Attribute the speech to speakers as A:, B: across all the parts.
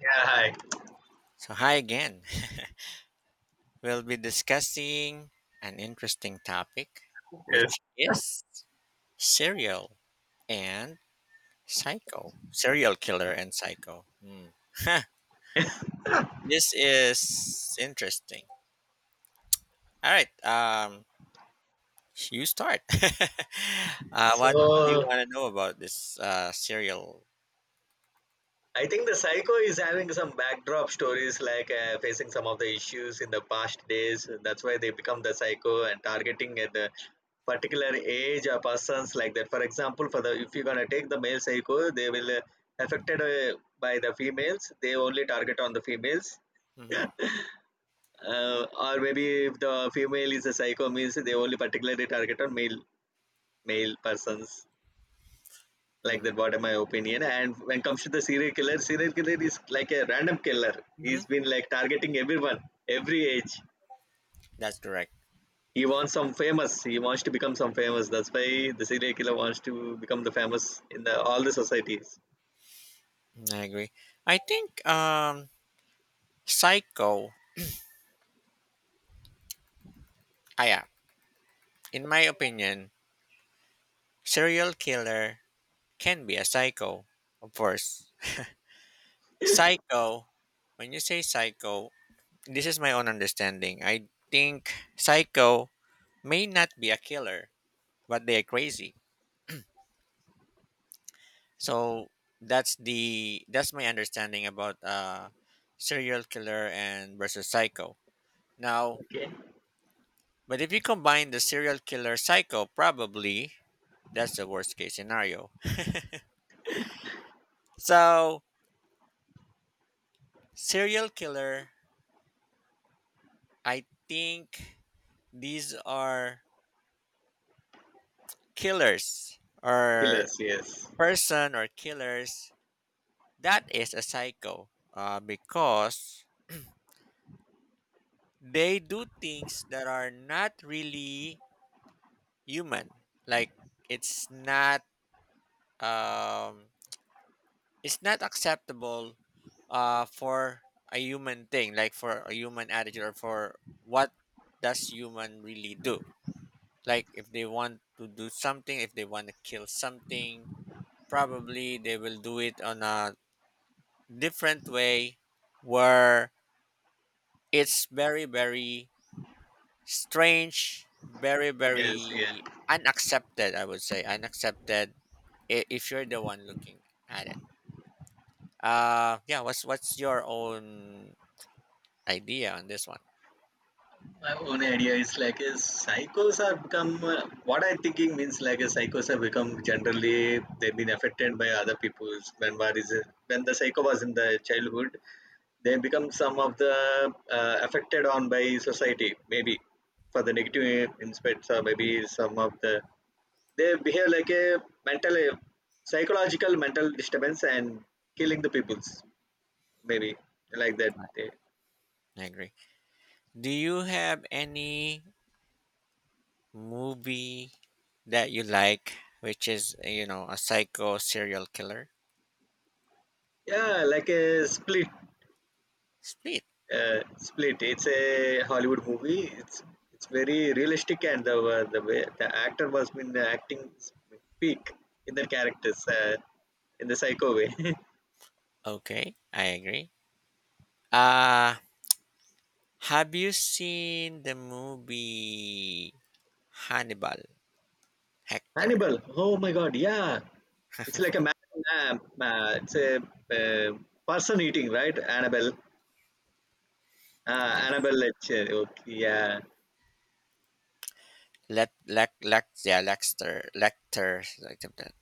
A: Yeah, hi.
B: So, hi again. We'll be discussing an interesting topic,
A: Yes.
B: which is serial and psycho, serial killer and psycho. Hmm. This is interesting. All right, you start. What do you
A: So
B: want to know about this serial?
A: I think the psycho is having some backdrop stories, like facing some of the issues in the past days. That's why they become the psycho and targeting at the particular age or persons like that. For example, for the if you're gonna take the male psycho, they will affected by the females. They only target on the females.
B: Mm-hmm,
A: Or maybe if the female is a psycho means they only particularly target on male persons, like
B: mm-hmm,
A: that what am my opinion. And when it comes to the serial killer, is like a random killer.
B: mm-hmm.
A: He's been like targeting everyone, every age.
B: That's correct.
A: He wants some famous, he wants to become some famous. That's why the serial killer wants to become the famous in the all the societies.
B: I agree. I think psycho. Ah, yeah. In my opinion, serial killer can be a psycho, of course. Psycho, when you say psycho, this is my own understanding. I think psycho may not be a killer, but they are crazy. So that's my understanding about serial killer and versus psycho. Now,
A: Okay.
B: but if you combine the serial killer psycho, probably that's the worst case scenario. So serial killer, I think these are killers or
A: Killers, yes.
B: person or killers that is a psycho because they do things that are not really human, like it's not um it's not acceptable for a human thing, like for a human attitude or for what does human really do. Like if they want to do something, if they want to kill something, probably they will do it on a different way where it's very very strange, very
A: Yes, yeah.
B: very unaccepted, I would say unaccepted if you're the one looking at it. Yeah, what's your own idea on this one?
A: My own idea is like is psychos are become what I thinking means like a psychos have become generally they've been affected by other people's when when the psycho was in the childhood, they become some of the affected on by society, maybe, for the negative inspects, or maybe some of the they behave like a mental, psychological, mental disturbance and killing the peoples, maybe, like that.
B: Right.
A: They-
B: I agree. Do you have any movie that you like, which is, you know, a psycho serial killer?
A: yeah, like a split.
B: Split.
A: uh, Split, it's a Hollywood movie. It's very realistic, and the way the actor was been acting peak in their characters, in the psycho way.
B: Okay, I agree. Uh, have you seen the movie Hannibal Hector?
A: Hannibal. Oh my God. Yeah. It's like a it's a person eating, right? Annabelle.
B: Yes.
A: Annabelle Lecter. Okay. Yeah.
B: Let Lec Lec yeah, Lexter Lecter, like that.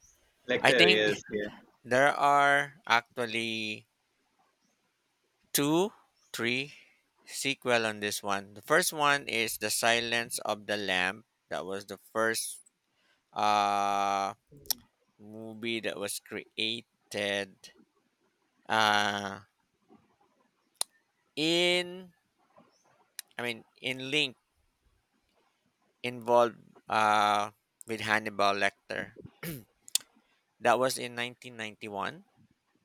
B: I
A: Lecter.
B: think
A: Yes. Yeah.
B: there are actually two, three sequel on this one. The first one is The Silence of the Lamb. That was the first uh movie that was created uh in, I mean in link involved uh, with Hannibal Lecter. That was in 1991.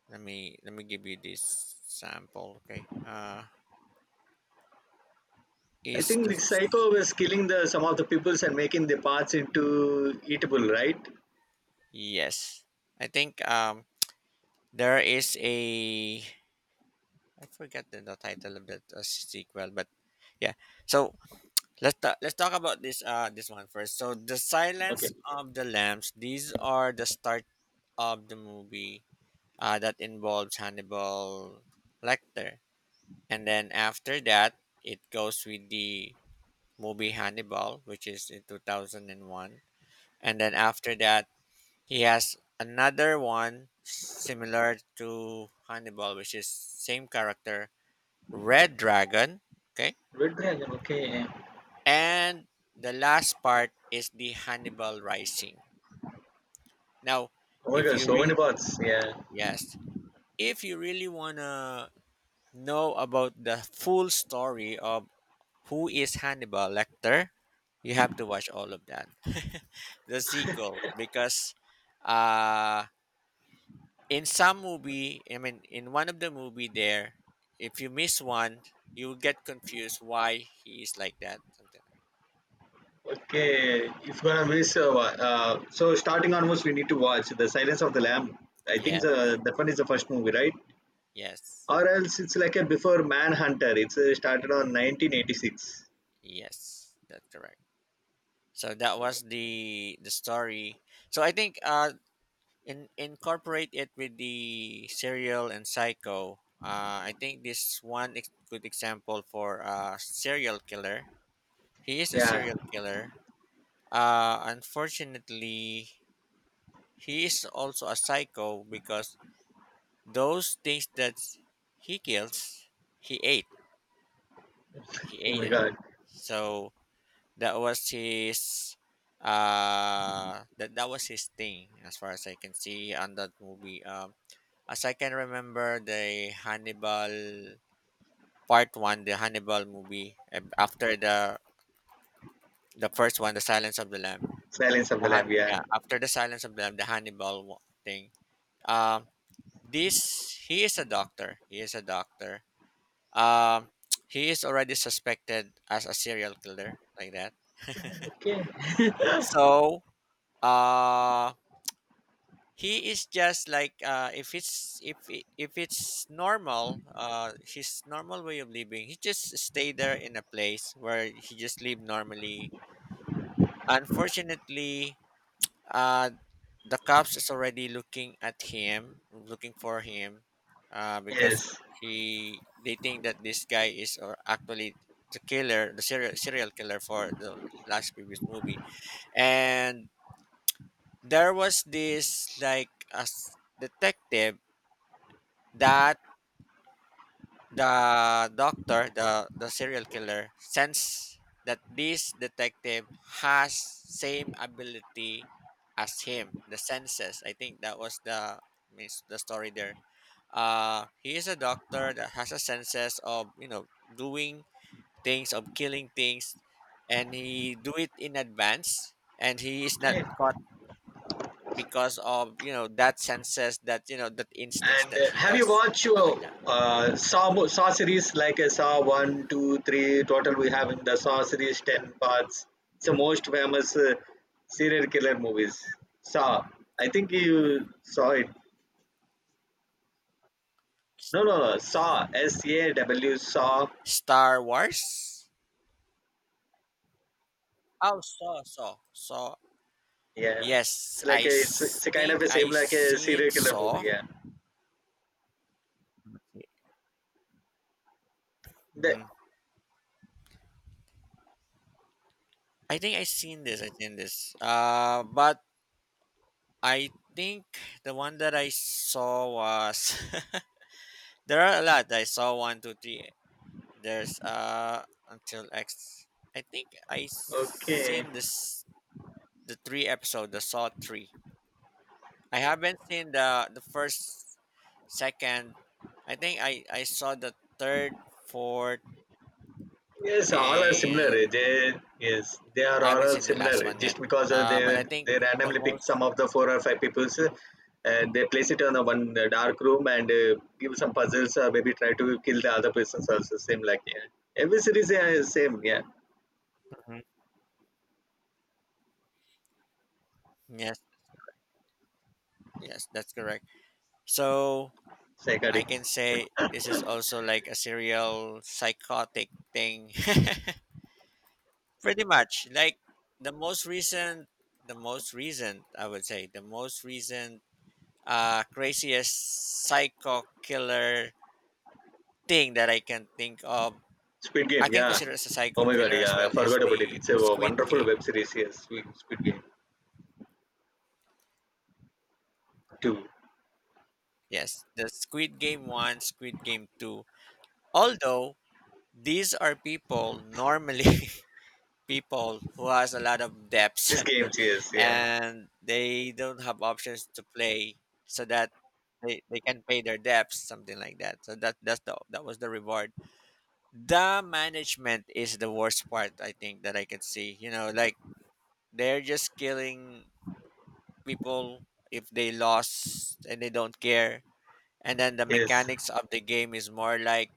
B: Let me give you this sample. Okay.
A: I
B: Is
A: think
B: the
A: the psycho was killing the some of the peoples and making the parts into eatable, right?
B: yes? I think there is a, I forget the title of that sequel, but yeah. So let's talk about this this one first. So the Silence
A: Okay.
B: of the Lambs. These are the start of the movie that involves Hannibal Lecter. And then after that, it goes with the movie Hannibal, which is in 2001. And then after that, he has another one similar to Hannibal, which is same character, Red Dragon. Okay. And the last part is the Hannibal Rising. Now,
A: Oh my
B: if
A: God.
B: you
A: So many
B: really,
A: parts. Yeah.
B: yes, if you really want to know about the full story of, who is Hannibal Lecter? You have to watch all of that. The sequel because uh in some movie, I mean in one of the movie there, if you miss one, you will get confused why he is like that. Something
A: Okay. If gonna miss, so starting onwards, we need to watch The Silence of the Lamb. I
B: like,
A: think
B: yes,
A: the, that one is the first movie, right?
B: yes,
A: Or else it's like a before Manhunter. It's started on 1986.
B: yes. That's correct. So that was the story. So I think in incorporate it with the serial and psycho I think this one good example for a serial killer. He is a
A: Yeah.
B: serial killer, unfortunately he is also a psycho because those things that he kills, he ate, he
A: Oh
B: ate
A: my
B: it.
A: God.
B: So that was his that was his thing as far as I can see on that movie. As I can remember, the Hannibal part one, the Hannibal movie, and after the first one, the Silence of the Lamb.
A: Silence of the Lamb. Yeah.
B: Yeah, after the Silence of the Lamb, the Hannibal thing. Um, this he is a doctor. He is a doctor. Um, he is already suspected as a serial killer, like that.
A: Okay.
B: So, uh, he is just like if it's if it's normal, his normal way of living, he just stay there in a place where he just live normally. Unfortunately, uh, the cops is already looking at him, looking for him, because
A: Yes.
B: he, they think that this guy is, or actually the killer, the serial killer for the last previous movie. And there was this like a detective that the doctor, the serial killer, sense that this detective has same ability as him, the senses. I think that was the means the story there. He is a doctor that has a senses of, you know, doing things, of killing things, and he do it in advance, and he is not caught because of, you know, that senses, that, you know, that instincts
A: And
B: that he
A: have you
B: has,
A: watched your
B: something like that.
A: Saw series like Saw one, two, three? Total we have in the Saw series ten parts. It's the most famous serial killer movies. Saw. I think you saw it. No, no, no. Saw. S A W. Saw.
B: Star Wars. Oh, Saw, Saw, Saw.
A: Yeah.
B: Yes,
A: It's like a, it's a kind of
B: think
A: a same
B: I
A: like a
B: seen
A: serial killer movie.
B: Saw.
A: Yeah. The
B: Hmm, I think I seen this. I seen this. But I think the one that I saw was there are a lot. I saw one, two, three. There's until X. I think I
A: okay.
B: seen this the three episode, the Saw three. I haven't seen the first, second. I think I saw the third, fourth.
A: Yes, all are similar.
B: And
A: They yes, they are
B: I
A: all
B: haven't seen the
A: similar.
B: last one
A: Just
B: yet.
A: because
B: But I think
A: they
B: the
A: randomly pick
B: most.
A: some of the four or five people's, and they place it on a one dark room and give some puzzles or maybe try to kill the other persons also. Same like yeah. Every series yeah, same yeah.
B: Mhm. Yes, yes, that's correct. So I
A: Psychotic.
B: can say this is also like a serial psychotic thing, pretty much. Like the most recent, the most recent, I would say, the most recent, craziest psycho killer thing that I can think of.
A: Squid
B: I
A: Game,
B: can
A: yeah.
B: consider as a
A: Oh
B: psycho
A: my god
B: killer as
A: yeah, I
B: well is
A: forgot about it.
B: the
A: It's a
B: Squid
A: wonderful
B: Game.
A: web series, yes. Squid Game two.
B: Yes, the Squid Game 1, Squid Game 2. Although these are people normally, people who has a lot of debts
A: These games, yes, yeah.
B: and they don't have options to play so that they can pay their debts, something like that. So that was the reward. The management is the worst part I think that I can see. You know, like they're just killing people if they lost and they don't care. And then the
A: Yes.
B: mechanics of the game is more like,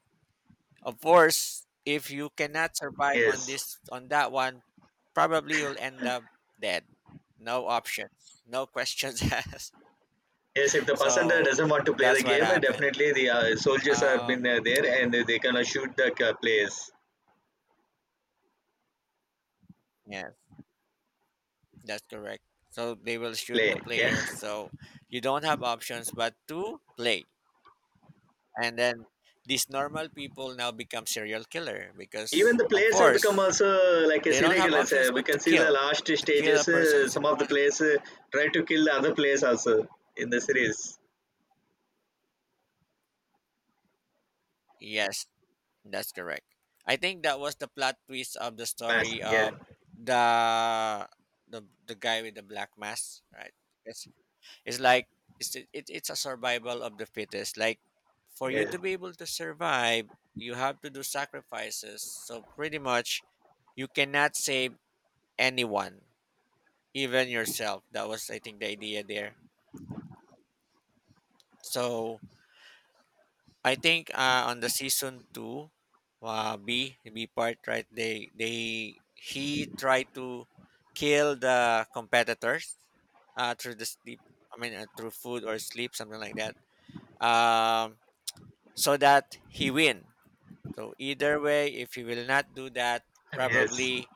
B: of course, if you cannot survive on
A: Yes.
B: this on that one, probably you'll end up dead. No options, no questions asked.
A: Yes, if the person that
B: So
A: doesn't want to play the
B: that's what
A: game,
B: happened.
A: definitely the soldiers have been
B: Um,
A: there and they can shoot the players.
B: yeah, that's correct. So they will shoot the
A: Play, yeah.
B: player. So you don't have options but to play. And then these normal people now become serial killer
A: Even
B: because
A: the
B: of
A: players are become
B: course
A: also like a
B: they don't
A: serial
B: have
A: killers.
B: options
A: We
B: but
A: can see the last
B: to kill a
A: stages.
B: person's in
A: Some of the
B: front of them.
A: players try to kill the other players also in the series.
B: Yes, that's correct. I think that was the plot twist of the
A: Fast,
B: story
A: yeah,
B: of the the guy with the black mask, right? It's it's like, it, it's a survival of the fittest. Like for you
A: yeah,
B: to be able to survive, you have to do sacrifices. So pretty much, you cannot save anyone, even yourself. That was, I think, the idea there. So I think on the season two, B B part right, they, he tried to kill the competitors through the sleep. I mean, through food or sleep, something like that. Um, so that he win. So either way, if he will not do that,
A: yes,
B: probably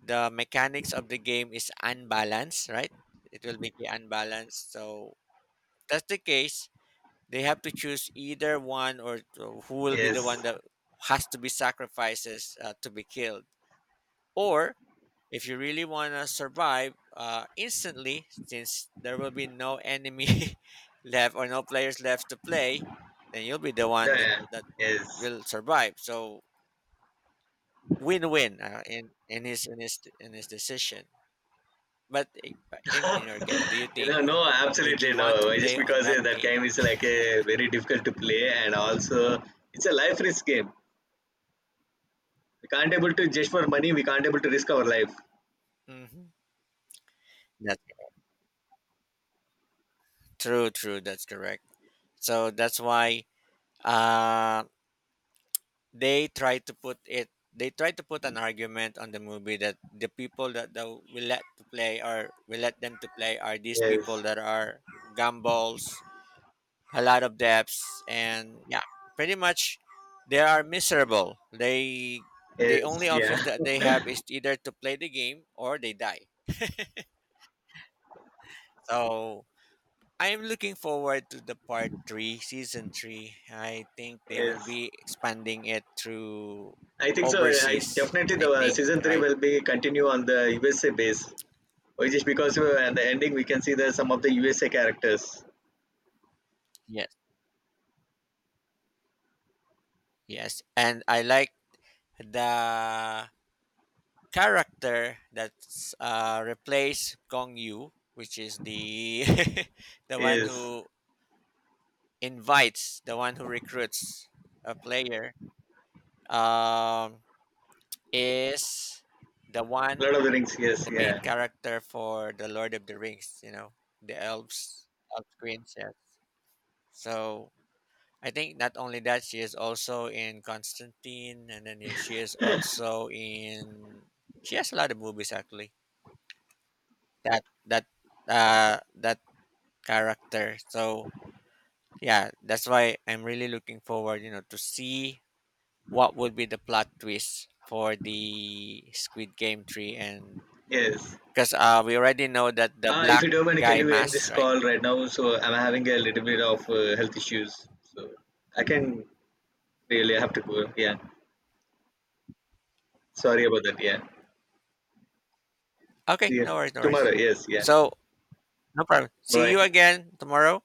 B: the mechanics of the game is unbalanced, right? It will be unbalanced. So if that's the case, they have to choose either one who will be the one
A: yes,
B: that has to be sacrifices to be killed. Or if you really want to survive instantly, since there will be no enemy left or no players left to play, then you'll be the one that,
A: yeah,
B: that
A: yes.
B: will survive. So win-win in in his decision. But in your case, do you
A: You
B: think,
A: know, no,
B: would
A: absolutely
B: you want to
A: no. Just
B: play on
A: because
B: that
A: that
B: game?
A: game is like a very difficult to play, and also it's a life risk game. We can't able to just for money. We can't able to risk our life.
B: Hmm. That's true, true. That's correct. So that's why uh, they try to put it. They try to put an argument on the movie that the people that, that we let to play or we let them to play are these people
A: Yes.
B: that are gumballs, a lot of debts, and yeah, pretty much they are miserable. They the
A: Yes.
B: only
A: Yeah.
B: options that they have is either to play the game or they die. So I'm looking forward to the part three, season three. I think they will
A: Yes.
B: be expanding it through
A: I think so. I
B: overseas.
A: definitely
B: I
A: the
B: think,
A: season three
B: right?
A: will be continue on the USA base. Or just because at the ending we can see the some of the USA characters.
B: Yes, yes. And I like the character that's replaced Gong Yu, which is the the one
A: Yes.
B: who invites, the one who recruits a player. Um, is the one,
A: Lord of the Rings. Yes.
B: the main
A: Yeah.
B: character for the Lord of the Rings, you know, the elves, elf princess. So I think not only that, she is also in Constantine, and then she is also in. She has a lot of movies actually. That that character. So yeah, that's why I'm really looking forward, you know, to see what would be the plot twist for the Squid Game 3 and
A: Yes.
B: because we already know that the
A: Ah, if
B: black
A: you don't mind, can
B: guy
A: you end this
B: mask, right?
A: call right now? So I'm having a little bit of health issues. So I can really have to go. Yeah. Sorry about that. Yeah. See
B: Okay,
A: you
B: no worries, no
A: tomorrow.
B: worries.
A: Yes. Yeah.
B: So, no problem. See
A: Bye.
B: you again tomorrow.